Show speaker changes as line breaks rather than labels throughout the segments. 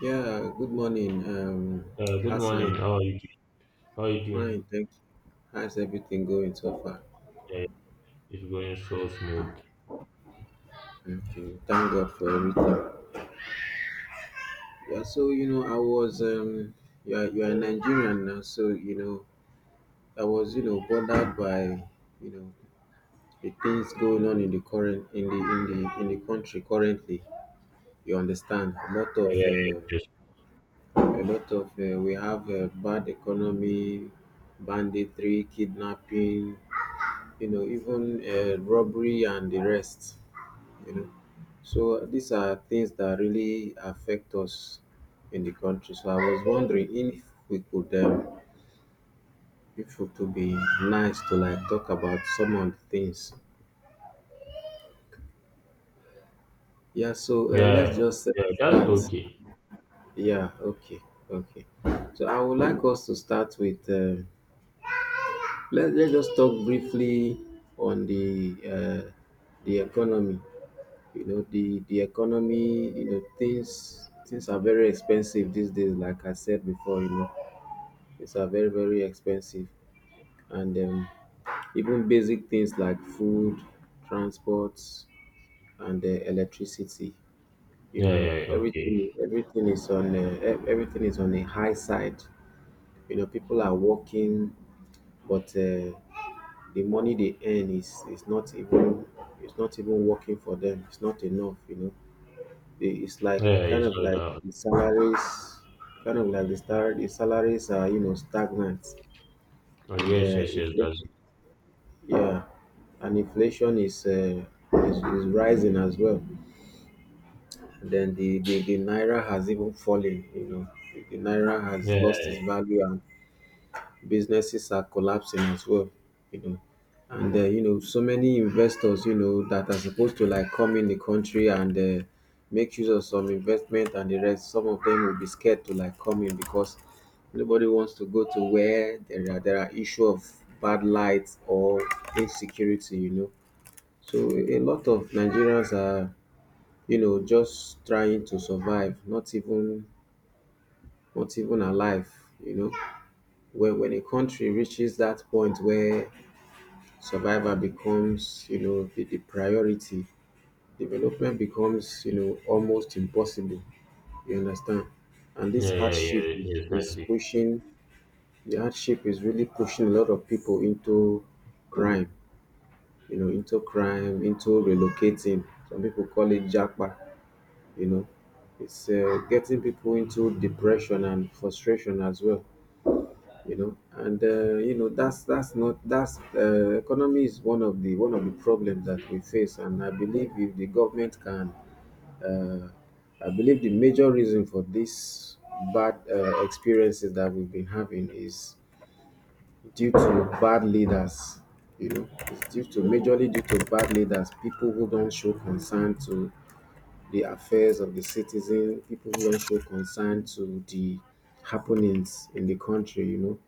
Yeah, good morning,
Good
Hassan.
morning. How are you doing?
Fine, thank you. How's everything going so far?
Yeah, it's going so smooth.
Thank
Yeah,
you. Thank God for everything. Yeah, so you know, I was you are Nigerian now, so you know, I was you know bothered by you know the things going on in the in the country currently. You understand.
yeah, yeah. Just,
A lot of We have bad economy, banditry, kidnapping, you know, even robbery and the rest, you know. So these are things that really affect us in the country. So I was wondering if we could, um, if it would be nice to like talk about some of the things. Yeah. So let's
yeah,
just
yeah. That's
uh, start.
okay.
Yeah. Okay. Okay. So I would like us to start with. Let's just talk briefly on uh, the economy. You know, the economy, you know, things are very expensive these days, like I said before, you know, things are very, very expensive. And Even basic things like food, transport, and electricity, you
Yeah,
know,
yeah, yeah, okay.
everything is on a high side. You know, people are working, but the money they earn is not even it's not even working for them. It's not enough, you know. It's like
Yeah,
kind
it's
of
not
like
that.
the salaries, the salaries are you know stagnant,
Oh,
and
yes, yes,
if
yes. That's
yeah, and inflation is rising as well. Then the naira has even fallen. You know, the naira has lost
yeah,
its value, and businesses are collapsing as well, you know. And You know, so many investors, you know, that are supposed to like come in the country and make use of some investment and the rest. Some of them will be scared to like come in because nobody wants to go to where there are issue of bad lights or insecurity, you know. So a lot of Nigerians are, you know, just trying to survive, not even alive, you know. When a country reaches that point where survival becomes you know the priority, development becomes you know almost impossible. You understand. And this
yeah, yeah,
hardship
yeah. Yes, that's
is
it.
pushing the hardship is really pushing a lot of people into crime, you know, into crime, into relocating. Some people call it japa, you know. It's getting people into depression and frustration as well, you know. And You know, that's not that's economy is one of the problems that we face. And I believe if the government can uh, I believe the major reason for this bad experiences that we've been having is due to bad leaders. You know, it's due to majorly due to bad leaders, people who don't show concern to the affairs of the citizen, people who are not show to the happenings in the country, you know.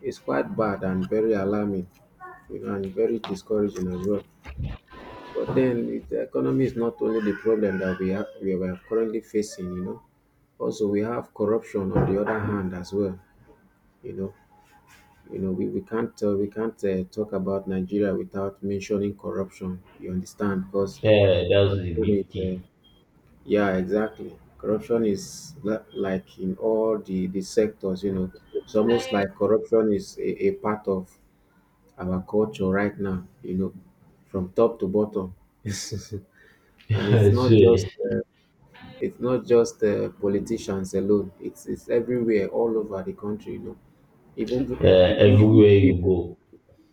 It's quite bad and very alarming, you know, and very discouraging as well. But then the economy is not only the problem that we are currently facing, you know. Also, we have corruption on the other hand as well, you know. You know, we can't talk about Nigeria without mentioning corruption. You understand? Because
Yeah, that's the
corruption is
big thing.
yeah, exactly. Corruption is like in all the sectors, you know. It's almost like corruption is a part of our culture right now, you know, from top to bottom. And it's
I
not just
swear.
uh, it's not just politicians alone. It's everywhere, all over the country, you know. Even the-
Everywhere you
even
go,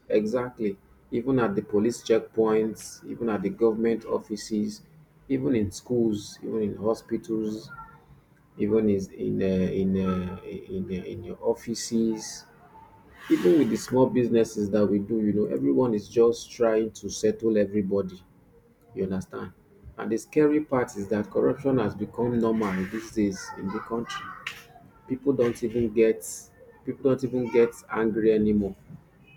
Exactly, even at the police checkpoints, even at the government offices, even in schools, even in hospitals, even is in your offices, even with the small businesses that we do, you know, everyone is just trying to settle everybody. You understand. And the scary part is that corruption has become normal these days in the country. people don't even get People don't even get angry anymore.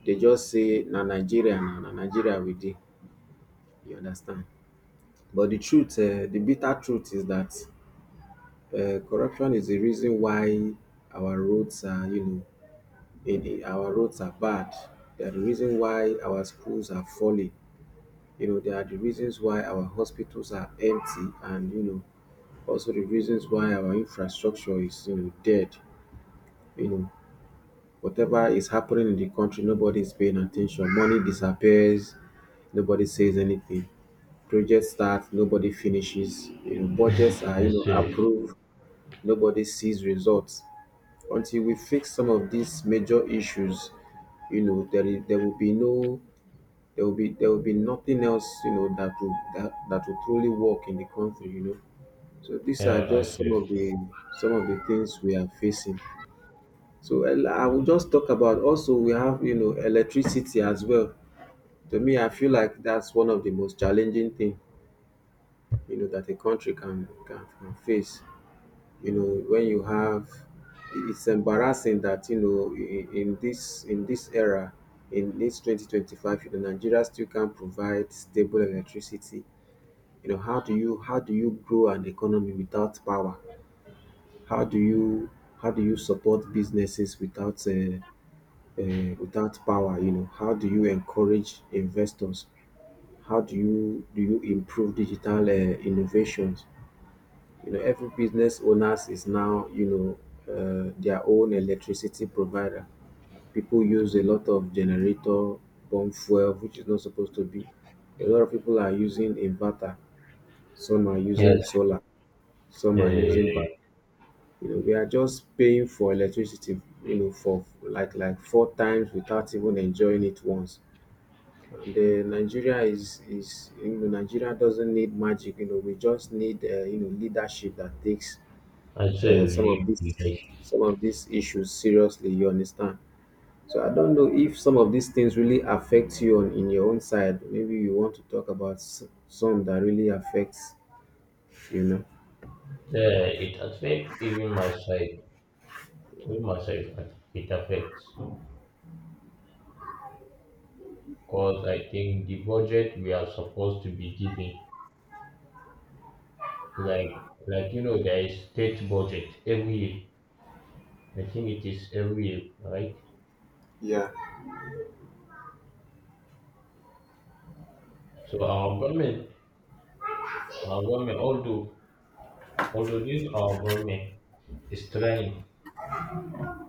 They just say na Nigeria, na Nigeria we dey. You understand. But the bitter truth is that corruption is the reason why our roads are you know in our roads are bad. They are the reason why our schools are falling. You know, they are the reasons why our hospitals are empty, and you know, also the reasons why our infrastructure is you know dead. You know, whatever is happening in the country, nobody is paying attention. Money disappears, nobody says anything. Projects start, nobody finishes. You know, budgets are you
I
know
swear.
approved, nobody sees results. Until we fix some of these major issues, you know there will be no there will be there will be nothing else you know that will truly work in the country, you know. So these are
Yeah,
just
I swear.
some of the things we are facing. So I will just talk about, also we have you know electricity as well. To me I feel like that's one of the most challenging thing you know that a country can face. You know, when you have it's embarrassing that you know in this era, in this 2025, you know, Nigeria still can't provide stable electricity. You know, how do you, grow an economy without power? How do you how do you support businesses without without power? You know, how do you encourage investors? How do you Do you improve digital innovations? You know, every business owners is now you know their own electricity provider. People use a lot of generator, pump fuel which is not supposed to be. A lot of people are using inverter, some are using
Yes.
solar, some
Yeah,
are
yeah, yeah. Yeah.
using back.
Yeah.
You know, we are just paying for electricity, you know, for like four times without even enjoying it once. And then Nigeria doesn't need magic. You know, we just need you know leadership that takes
I swear,
uh,
we
some
need
of these
leadership.
some of these issues seriously. You understand? So I don't know if some of these things really affect you on in your own side. Maybe you want to talk about some that really affects, you know.
Yeah, it affects even my side. Even my side, it affects. Because I think the budget we are supposed to be giving, there is state budget every year. I think it is every year, right?
Yeah,
So our government, our government, although although this our government is trying,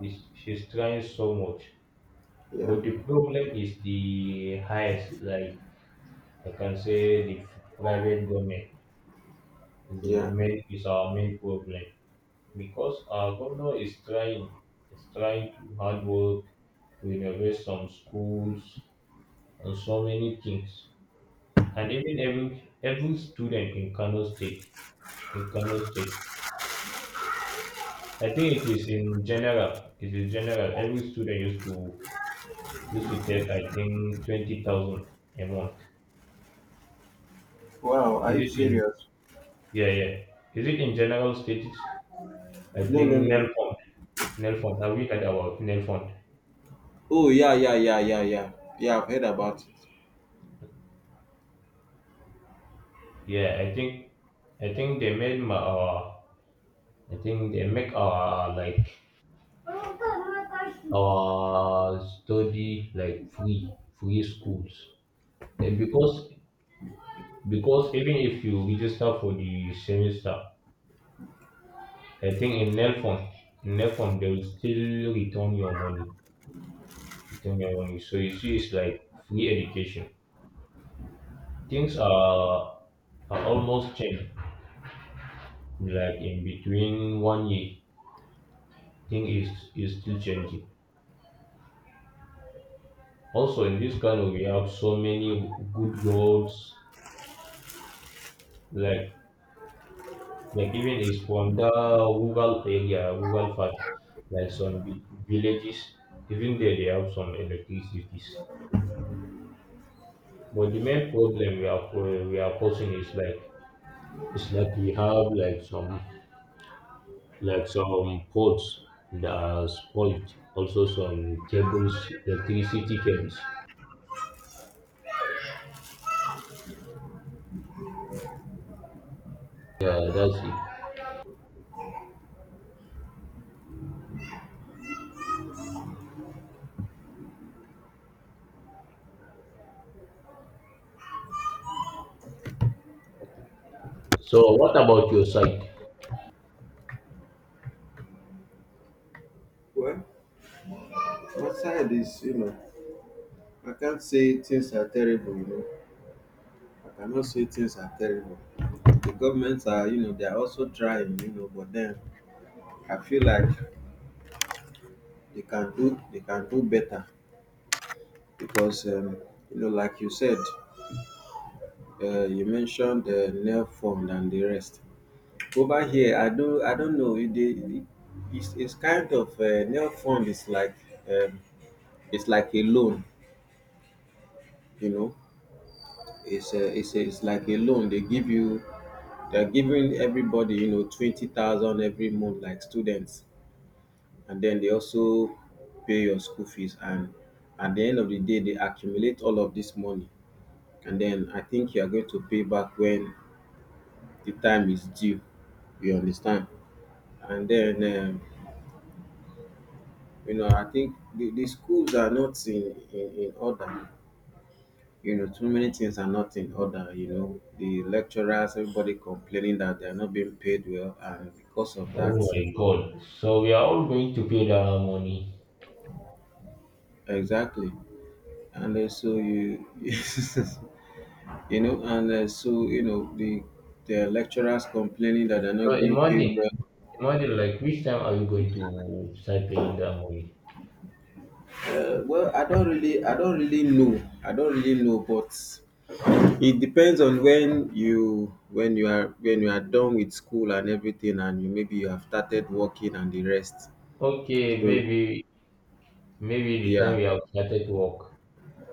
is she's trying so much,
yeah,
but the problem is the highest. Like I can say, the private government is the
yeah.
main is our main problem, because our governor is trying to hard work renovate some schools and so many things. And even every student in Kano State, in kano state I think it is in general, it is general every student used to take, I think, 20,000 a month.
Wow,
Is
I.
it in, yeah, yeah, is it in general states? I
No,
think
no,
Nel
no.
Fund. Have you heard about Nel?
Oh, yeah, yeah, yeah, yeah, yeah. Yeah, I've heard about it.
Yeah, I think they made our, I think they make our study like free schools. And because even if you register for the semester, I think in Nelfon they will still return your money. So you see, it's like free education. Things are almost changed like in between one year. Thing is still changing. Also, in this kind of we have so many good roads, like the giving is from the rural area, rural part, like some villages. Even there, they have some electricities. But the main problem we are we are posing is like it's like we have like some poles that are spoiled. Also some cables, electricity cables. Yeah, that's it. So what about your side?
Well, outside is, you know, I can't say things are terrible, you know. I cannot say things are terrible. The governments are, you know, they are also trying, you know, but then I feel like they can do better because, you know, like you said, you mentioned the nail form and the rest. Over here, I don't know. It's kind of nail form is like um, it's like a loan, you know. It's like a loan. They give you, they're giving everybody, you know, 20,000 every month, like students, and then they also pay your school fees. And at the end of the day, they accumulate all of this money, and then I think you are going to pay back when the time is due. You understand? And then, you know, I think the schools are not in order. You know, too many things are not in order, you know. The lecturers, everybody complaining that they are not being paid well, and because of
Oh
that,
my God! So we are all going to pay that money.
exactly. And so you, you know, and so you know the lecturers complaining that they're
So
not being
imagine.
paid well.
Imagine like which time are we going to start playing that movie?
Well, I don't really, I don't really know, but it depends on when you are done with school and everything, and you maybe you have started working and the rest.
Okay,
So
maybe the
yeah.
time we have started work.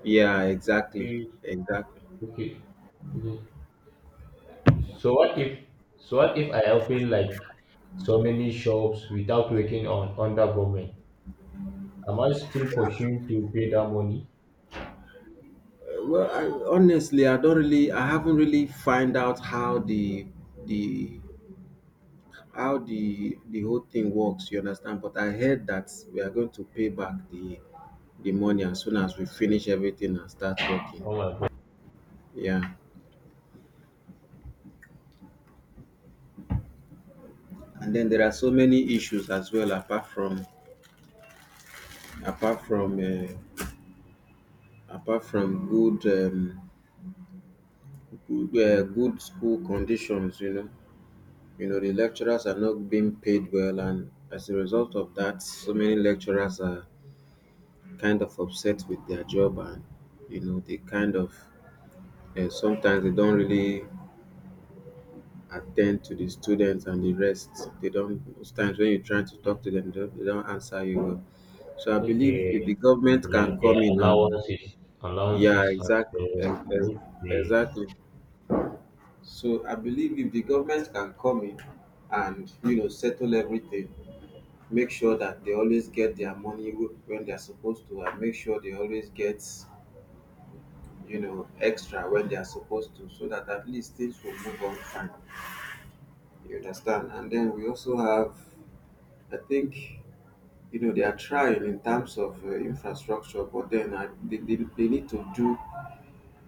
Yeah, exactly,
Okay,
exactly.
okay, okay. So what if I open like so many shops without working on under government? Am I still pursuing to pay that money?
Well, honestly, I haven't really find out how the the whole thing works. You understand? But I heard that we are going to pay back the money as soon as we finish everything and start working.
Oh my god.
Yeah, and then there are so many issues as well apart from uh, apart from good school conditions. You know, the lecturers are not being paid well, and as a result of that, so many lecturers are kind of upset with their job, and you know, they kind of sometimes they don't really attend to the students and the rest. They don't. Most times when you're trying to talk to them, they don't answer you well. So I believe if the
Okay,
government
like
can come
the
in and
allowances,
yeah,
allowances, and so okay.
exactly. So I believe if the government can come in and you know settle everything. Make sure that they always get their money when they're supposed to, and make sure they always get you know extra when they're supposed to, so that at least things will move on fine, you understand? And then we also have, I think, you know, they are trying in terms of infrastructure, but then they need to do,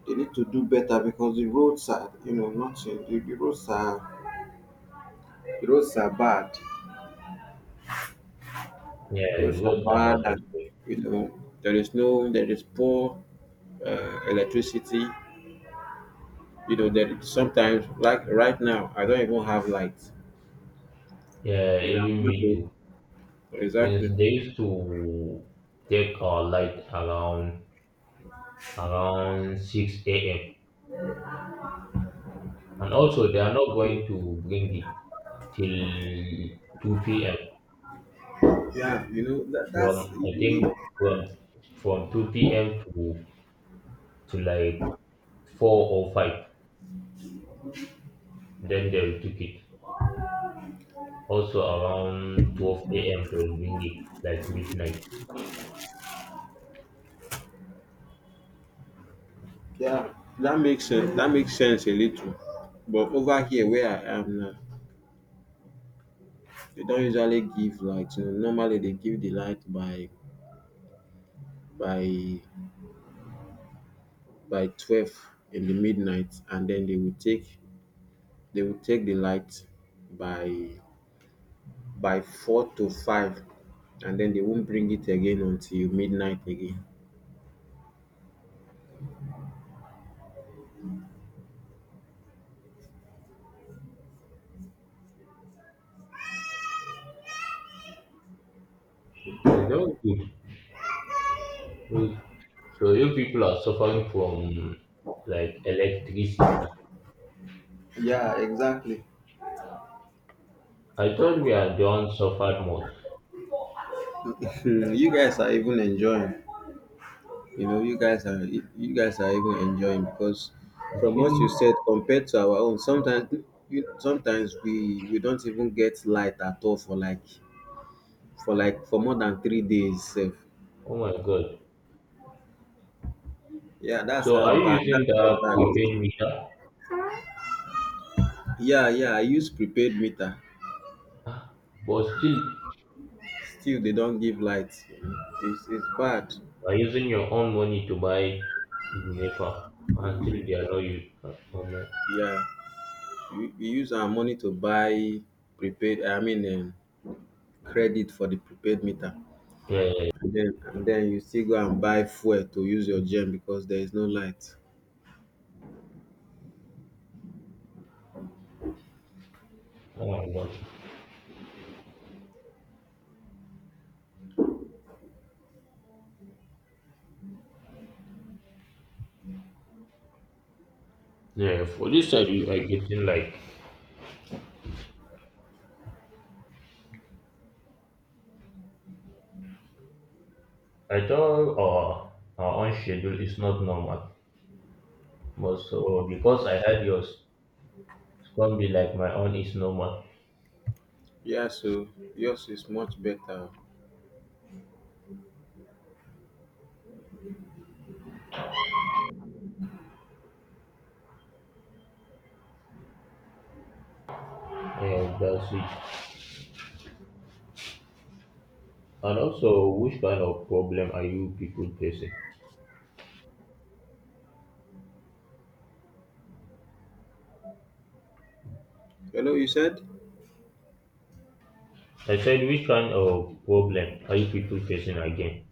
they need to do better because the roads are you know not in, the roads are bad.
Yeah,
Roads are
what
bad,
about that?
and you know there is no, there is poor electricity. You know, there sometimes, like right now, I don't even have light.
Yeah,
You know, I'm
even
not
me
home.
too. Since
Exactly.
they used to take our light around 6 a.m., and also they are not going to bring it till 2 p.m.
Yeah, you know that's
From I think from from 2 p.m. to like four or five. Then they will take it. Also around 12 a.m. they will bring it like midnight.
yeah. That makes sense. That makes sense a little. But over here where I am now, they don't usually give light. You know, normally they give the light by by by 12 in the midnight, and then they will take the light by by four to five, and then they won't bring it again until midnight again.
Okay, that was good. Well, so you people are suffering from like electricity.
Yeah, exactly.
I thought we are the ones suffered most.
You guys are even enjoying. You know, you guys are even enjoying because
I'm
from what you
thinking,
said compared to our own, sometimes sometimes we don't even get light at all for like for for more than 3 days. Sef.
oh my god.
Yeah, that's
So are
how
you
bad. That's
using
how
the prepaid
bad.
meter?
Yeah, yeah. I use prepaid meter.
But still,
Still, they don't give light. You know, it's bad.
you are using your own money to buy NEPA and still they are not used. Oh,
Yeah, we use our money to buy prepaid. I mean, credit for the prepaid meter.
yeah, yeah, yeah.
And then you still go and buy fuel to use your gen because there is no light.
Oh my god. Yeah,
But
for this side
it's
you are
okay.
getting like, I thought our own schedule is not normal. But so because I had yours, it's gonna be like my own is normal.
Yeah, so yours is much better.
And that's it. And also, which kind of problem are you people facing?
Hello, you said
I said, which kind of problem are you people facing again,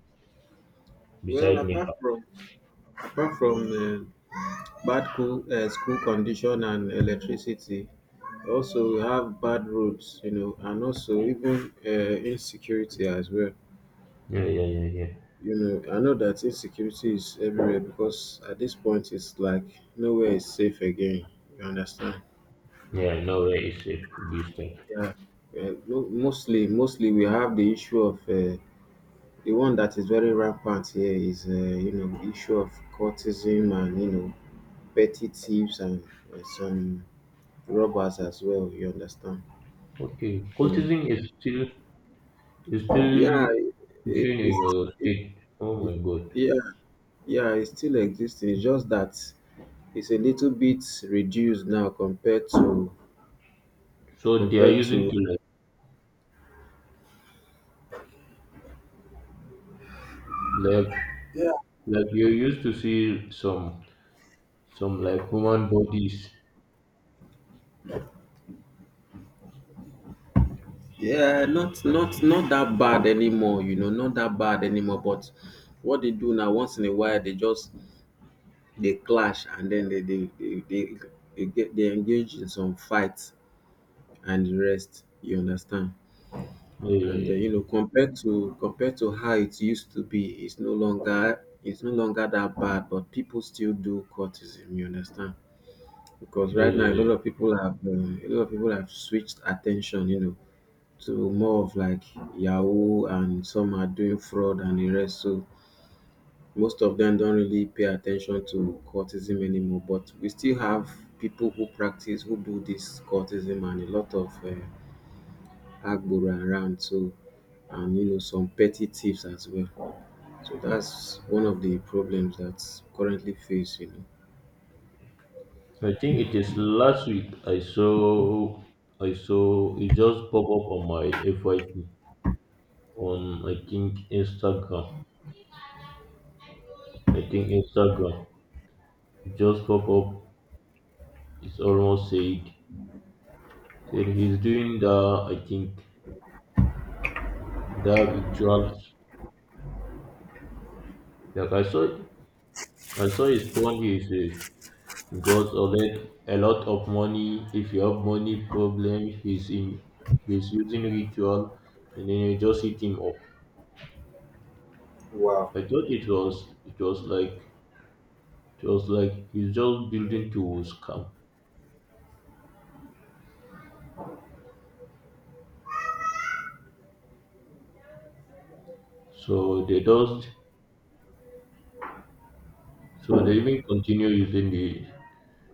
well
besides NEPA?
apart from uh, school condition and electricity, also we have bad roads. You know, and also even insecurity as well.
Yeah, yeah, yeah, yeah.
You know, I know that insecurity is everywhere because at this point it's like nowhere is safe again. You understand?
Yeah, nowhere is safe this time.
Yeah, mostly, mostly we have the issue of the one that is very rampant here is you know the issue of cultism and you know petty thieves and some robbers as well. You understand?
Okay,
You know?
cultism is still
Yeah, it,
teaching in
it's
your
it,
state? Oh
it-
my God!
yeah yeah it still exists. It's just that it's a little bit reduced now compared to
So they are
compared
using
to.
to like like you used to see some like human bodies.
Yeah, not not that bad anymore, you know, not that bad anymore. But what they do now, once in a while, they just they clash and then they get they engage in some fights and the rest. You understand? And you
Eh,
know, compared to compared to how it used to be, it's no longer, it's no longer that bad. But people still do courtism. You understand? Because right now, a lot
eh,
of people have a lot of people have switched attention. You know, to more of like Yahoo, and some are doing fraud and the rest. So most of them don't really pay attention to cultism anymore. But we still have people who practice, who do this cultism, and a lot of agbora around. So and you know some petty thieves as well. So that's one of the problems that's currently faced. You know.
I think it is last week, I saw, it just pop up on my FYP. On, I think, Instagram. I think Instagram. It just pop up. It's almost said. Said he's doing the, I think the rituals. Like I saw. I saw his phone. He's got a lot of money. If you have money problem, he's in. He's using ritual, and then you just hit him up.
Wow.
I thought it was. It was like. It was like he's just building to scam. So they just. So they even continue using the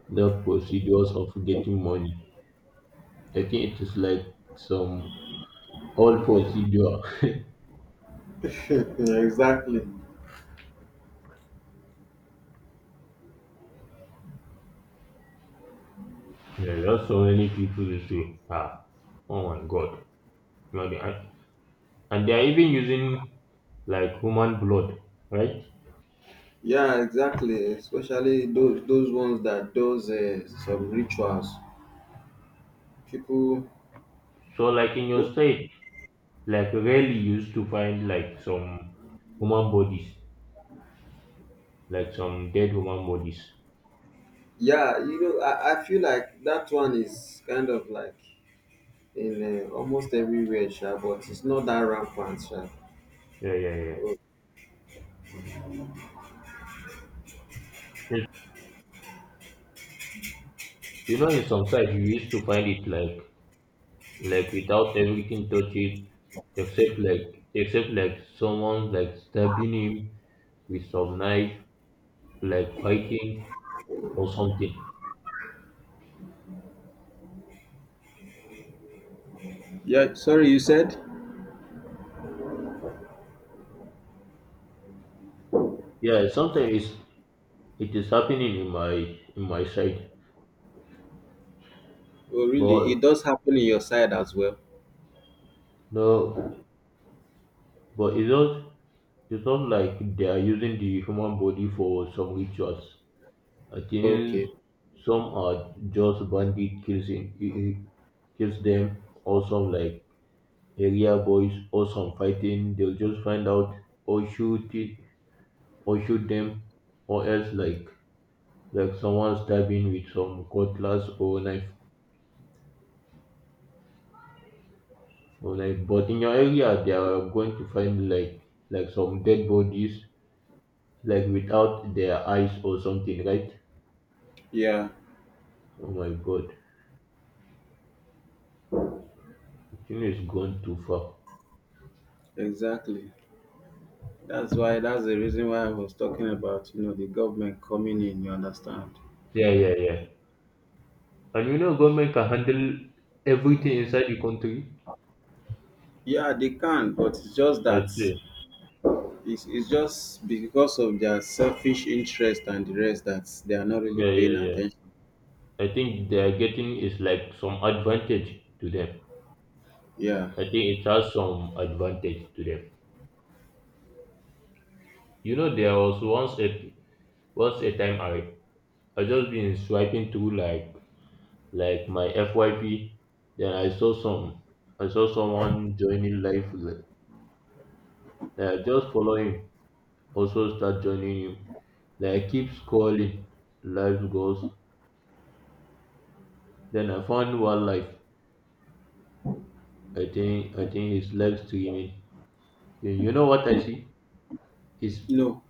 the procedures of getting money. I think it is like some old procedure.
Exactly.
There are just so many people who say, ah, oh my god. You know, they, and they are even using like human blood, right?
Yeah, exactly. Especially those ones that does some rituals. People
So like in your state, like rarely you used to find like some human bodies, like some dead human bodies.
yeah, you know, I feel like that one is kind of like in almost everywhere, sha, but it's not that rampant, sha.
Yeah, yeah, yeah.
Oh,
Yes, you know, in some sites you used to find it like without everything touched, except like someone like stabbing him with some knife, like fighting or something.
yeah, sorry, you said?
Yeah, sometimes it is happening in my side.
Oh, really?
But
It does happen in your side as well.
no, but it's not like they are using the human body for some rituals, I think.
Okay.
Some are just bandit kills them, or some like area boys or some fighting they'll just find out, or shoot it or shoot them, or else like someone stabbing with some cutlass or knife, but in your area they are going to find like some dead bodies, like without their eyes or something, right?
Yeah,
Oh my god, thing is gone too far.
exactly. That's why, that's the reason why I was talking about, you know, the government coming in, you understand?
Yeah, yeah, yeah. And you know government can handle everything inside the country.
Yeah, they can, but it's just
I
that
see.
it's just because of their selfish interest and the rest that they are not really
Yeah, yeah,
paying
yeah.
attention.
I think they are getting is like some advantage to them.
Yeah.
I think it has some advantage to them. You know, there was once a time, I just been swiping through like my FYP, then I saw someone joining live. Like, I just follow him, also start joining him. Like I keep scrolling, live goes. Then I found one live. I think it's live streaming. You know what I see? Is,
You know,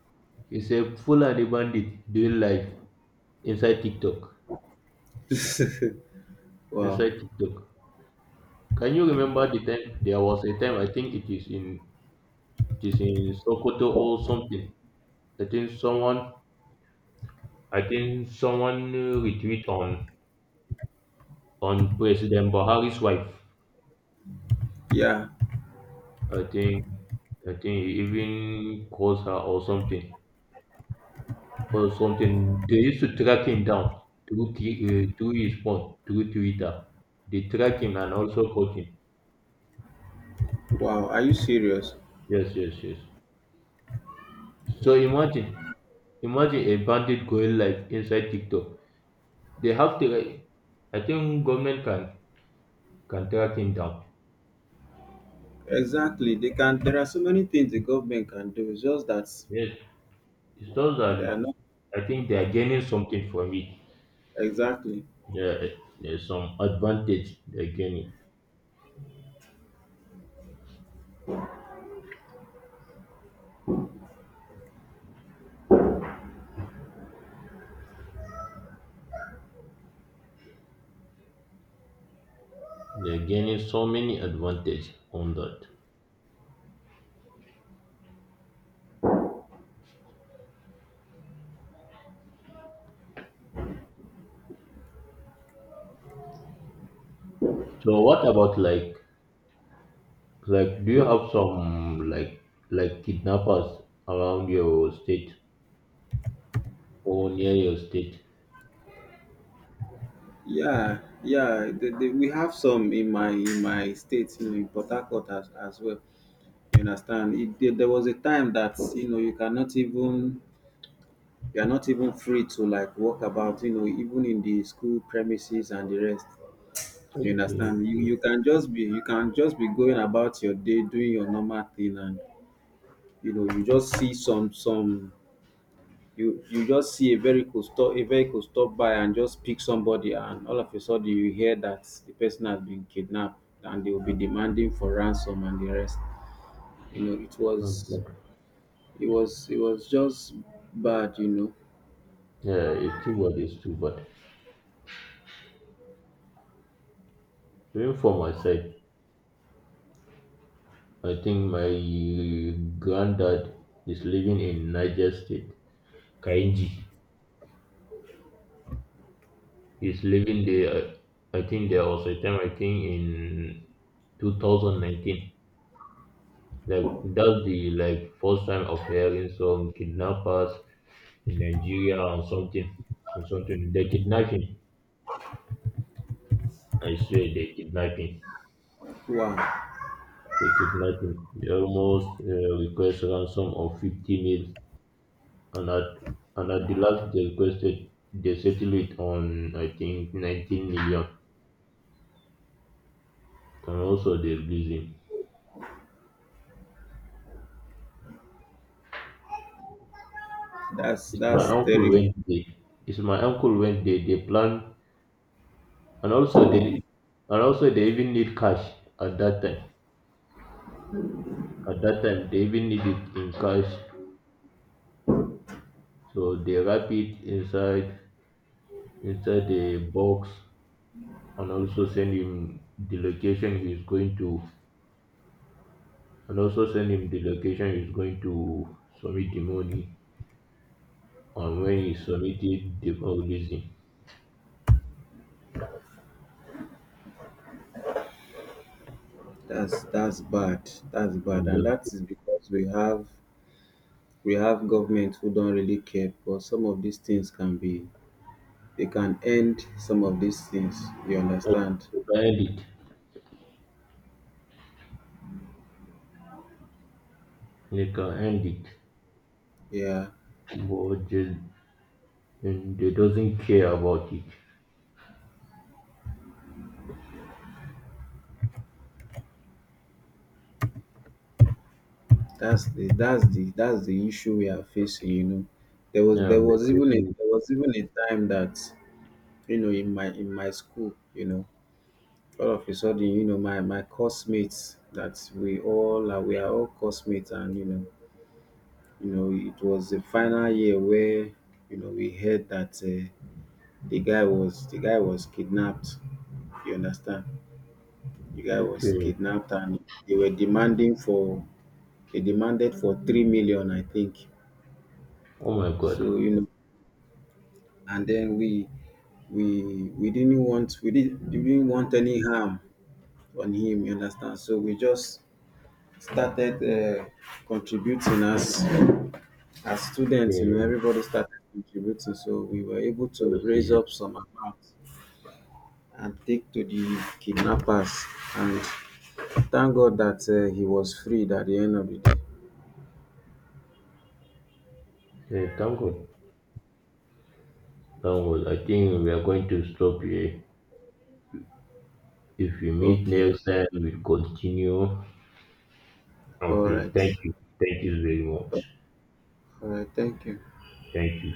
it's a full Fulani bandit doing live inside TikTok.
wow.
Inside TikTok. Can you remember, the time there was a time, I think it is in Sokoto or something. I think someone I think someone retweet on President Buhari's wife.
Yeah.
I think I think he even calls her or something. They used to track him down through his phone, through Twitter. They track him and also caught him.
Wow. Are you serious?
Yes, yes, yes. So
Wow.
imagine, imagine a bandit going live inside TikTok. They have to, like, I think government can track him down.
Exactly. They can. There are so many things the government can do. It's just that
Yes, it's just
they are
that
not
I think they are gaining something from it.
exactly.
There, there's some advantage they're gaining. They're gaining so many advantage on that. So what about like do you have some like kidnappers around your state or near your state?
Yeah. Yeah. We have some in my state, you know, in Port Harcourt as well. You understand? There, there was a time that you know you cannot even, you are not even free to like walk about. You know, even in the school premises and the rest. You
Okay,
understand? You
okay.
you can just be, you can just be going about your day doing your normal thing and you know you just see some you just see a vehicle stop, a vehicle stop by and just pick somebody, and all of a sudden you hear that the person has been kidnapped and they will be demanding for ransom and the rest. You know, it was,
Okay.
it was it was just bad, you know.
Yeah, it's too bad, it's too bad. Even for my side, I think my granddad is living in Niger State, Kainji. He's living there, I think there was a time, I think in 2019. Like, that's the like first time of hearing some kidnappers in Nigeria or something. Or something. They kidnap him. I swear they kidnap him.
Wow.
They kidnap him. They almost request ransom of 50 mil, and at and at the last they settled it on, I think, 19 million, and also they released him.
that's
It's my
that's
uncle
terrible.
went there. It's my uncle went there. They plan, and also they and also they even need cash at that time. At that time they even need it in cash. So they wrap it inside the box, and also send him the location he's going to, and also send him the location he's going to submit the money. On when he submitted the debauchery,
That's bad. That's bad.
and
And
the
that is because we have, we have government who don't really care, but some of these things can be, they can end some of these things. You understand?
people end it. They can end it,
Yeah,
but they doesn't care about it.
that's the that's the that's the issue we are facing. You know, there was
Yeah,
there
my
was even a
person.
there was even a time that you know in my school, you know, all of a sudden, you know, my course mates that we all are, we are all course mates, and you know, it was the final year where you know we heard that the guy was kidnapped. You understand? The guy was
Okay.
kidnapped and they were demanding for, they demanded for 3,000,000, I think.
Oh my God.
So, you know, and then we didn't want, we didn't want any harm on him, you understand? So we just started contributing as students, you know,
Okay,
everybody started contributing. So we were able
that
to
was.
raise up some amount and take to the kidnappers. And thank God that he was freed at the end of the day.
Okay, thank God. That was. I think we are going to stop here. If we meet
Okay.
next time, we'll continue.
All
Okay.
right.
Thank you. Thank you very much.
All right. Thank you.
Thank you.